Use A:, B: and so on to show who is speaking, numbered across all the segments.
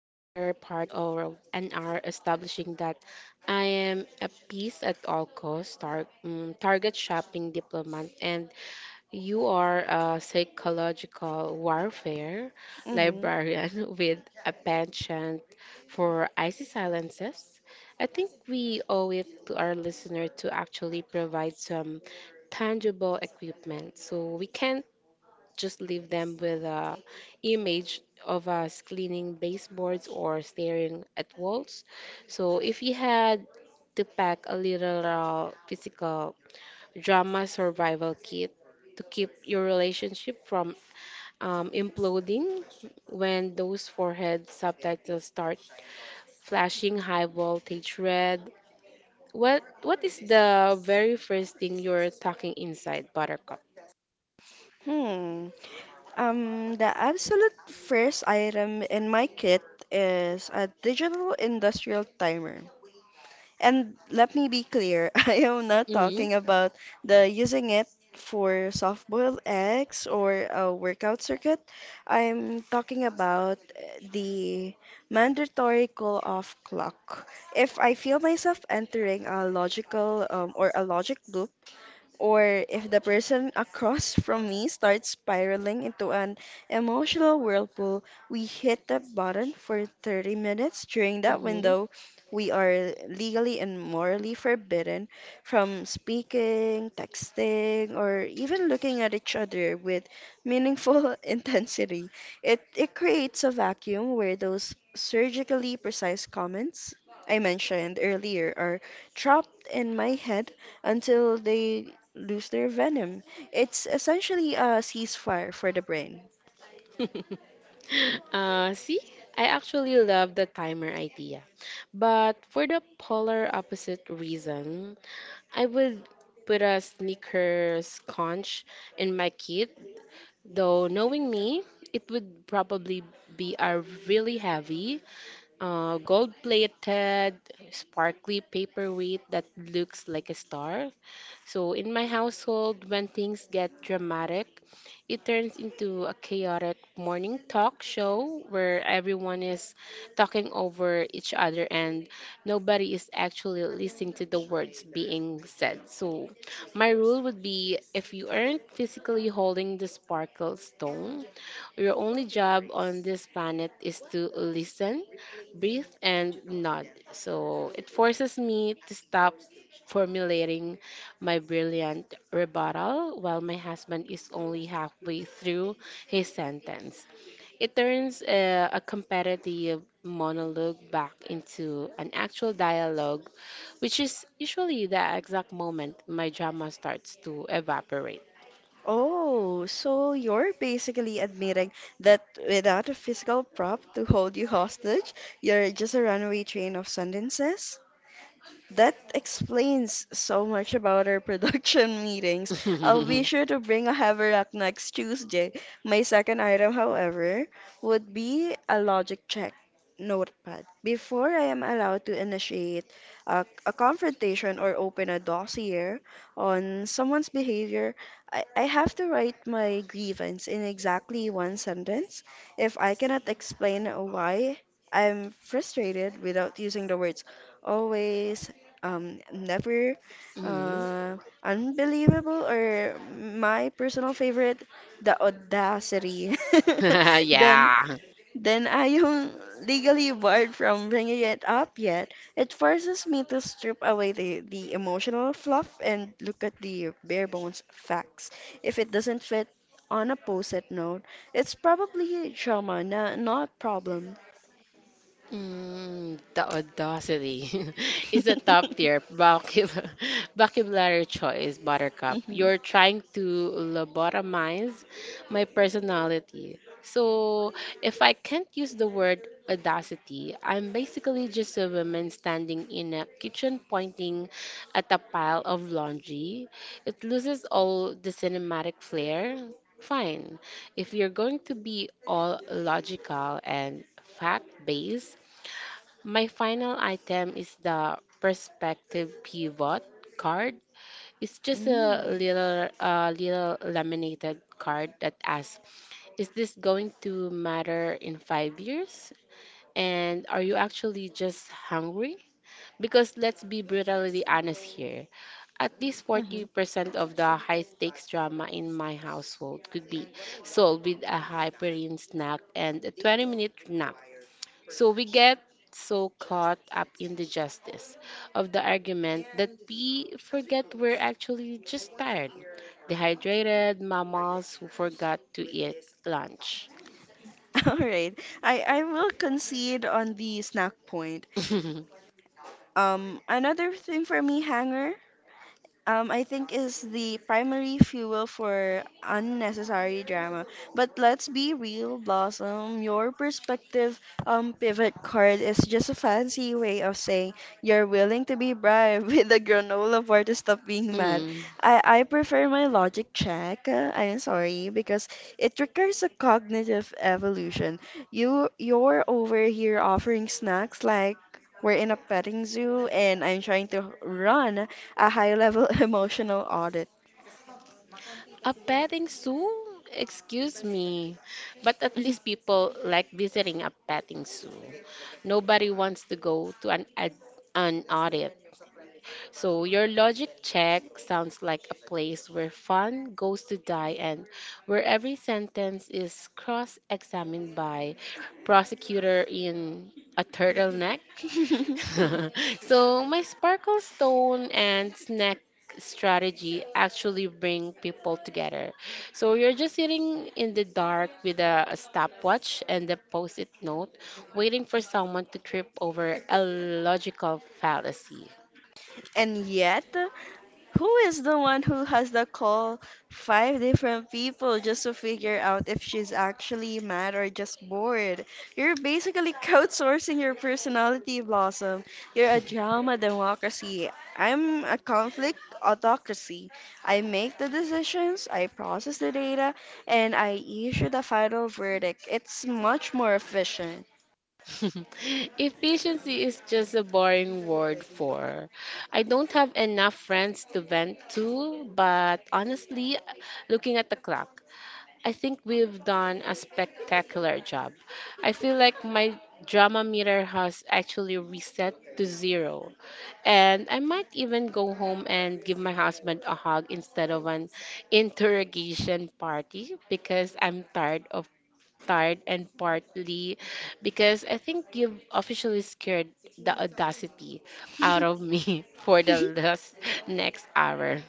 A: part of an hour establishing that I am a peace at all costs target shopping diplomat, and you are a psychological warfare
B: hmm
A: librarian with a penchant for icy silences, I think we owe it to our listener to actually provide some tangible equipment so we can just leave them with a image of us cleaning baseboards or staring at walls. So if you had to pack a literal physical drama survival kit to keep your relationship from imploding when those forehead subtitles start flashing high voltage red. What is the very first thing you're tucking inside, Buttercup?
B: Hmm. The absolute first item in my kit is a digital industrial timer. And let me be clear, I am not
A: Mm-hmm.
B: talking about the using it for soft-boiled eggs or a workout circuit. I'm talking about the mandatory call-off clock. If I feel myself entering a logical or a logic loop, or if the person across from me starts spiraling into an emotional whirlpool, we hit the button for 30 minutes. During that window, we are legally and morally forbidden from speaking, texting, or even looking at each other with meaningful intensity. It creates a vacuum where those surgically precise comments I mentioned earlier are trapped in my head until they lose their venom. It's essentially a ceasefire for the brain.
A: See, I actually love the timer idea. But for the polar opposite reason, I would put a sneakers conch in my kit, though knowing me, it would probably be a really heavy, gold plated, sparkly paperweight that looks like a star. So, in my household, when things get dramatic, it turns into a chaotic morning talk show where everyone is talking over each other and nobody is actually listening to the words being said. So, my rule would be if you aren't physically holding the sparkle stone, your only job on this planet is to listen, breathe, and nod. So, it forces me to stop formulating my brilliant rebuttal while my husband is only halfway through his sentence. It turns a competitive monologue back into an actual dialogue, which is usually the exact moment my drama starts to evaporate.
B: Oh, so you're basically admitting that without a physical prop to hold you hostage, you're just a runaway train of sentences? That explains so much about our production meetings. I'll be sure to bring a haversack next Tuesday. My second item, however, would be a logic check notepad. Before I am allowed to initiate a confrontation or open a dossier on someone's behavior, I have to write my grievance in exactly one sentence. If I cannot explain why I'm frustrated without using the words always, never,
A: Mm.
B: uh, unbelievable, or my personal favorite, the audacity, then
A: Yeah.
B: I am legally barred from bringing it up. Yet it forces me to strip away the emotional fluff and look at the bare bones facts. If it doesn't fit on a post-it note, it's probably trauma, not problem.
A: Mm, the audacity is a top tier vocabulary choice, Buttercup.
B: hmm
A: You're trying to lobotomize my personality. So, if I can't use the word audacity, I'm basically just a woman standing in a kitchen pointing at a pile of laundry. It loses all the cinematic flair. Fine. If you're going to be all logical and fact based, my final item is the perspective pivot card. It's just
B: Mm-hmm.
A: a little laminated card that asks, is this going to matter in 5 years? And are you actually just hungry? Because let's be brutally honest here. At least 40% of the high stakes drama in my household could be solved with a high protein snack and a 20-minute nap. So we get so caught up in the justice of the argument that we forget we're actually just tired, dehydrated mammals who forgot to eat lunch.
B: All right. I will concede on the snack point. Another thing for me, Hanger, I think, is the primary fuel for unnecessary drama. But let's be real, Blossom. Your perspective pivot card is just a fancy way of saying you're willing to be bribed with a granola bar to stop being mad.
A: Mm.
B: I prefer my logic check. I'm sorry, because it requires a cognitive evolution. You're over here offering snacks like we're in a petting zoo, and I'm trying to run a high level emotional audit.
A: A petting zoo? Excuse me. But at least people like visiting a petting zoo. Nobody wants to go to an audit. So your logic check sounds like a place where fun goes to die and where every sentence is cross-examined by prosecutor in a turtleneck. So my sparkle stone and snack strategy actually bring people together. So you're just sitting in the dark with a stopwatch and a post-it note, waiting for someone to trip over a logical fallacy.
B: And yet, who is the one who has to call 5 different people just to figure out if she's actually mad or just bored? You're basically crowdsourcing your personality, Blossom. You're a drama democracy. I'm a conflict autocracy. I make the decisions, I process the data, and I issue the final verdict. It's much more efficient.
A: Efficiency is just a boring word for. I don't have enough friends to vent to, but honestly, looking at the clock. I think we've done a spectacular job. I feel like my drama meter has actually reset to zero. And I might even go home and give my husband a hug instead of an interrogation party because I'm tired of tired and partly because I think you've officially scared the audacity out of me for the last next hour.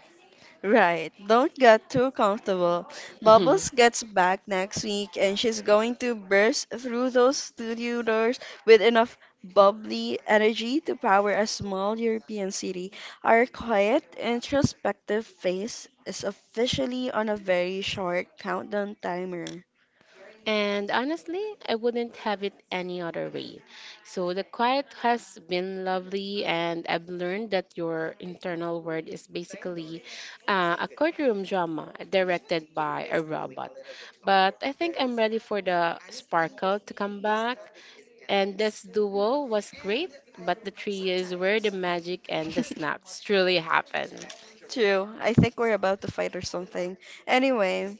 B: Right. Don't get too comfortable. Bubbles gets back next week, and she's going to burst through those studio doors with enough bubbly energy to power a small European city. Our quiet, introspective face is officially on a very short countdown timer.
A: And honestly, I wouldn't have it any other way. So the quiet has been lovely, and I've learned that your internal world is basically a courtroom drama directed by a robot. But I think I'm ready for the sparkle to come back. And this duo was great, but the trio is where the magic and the snaps truly happen.
B: True. I think we're about to fight or something. Anyway,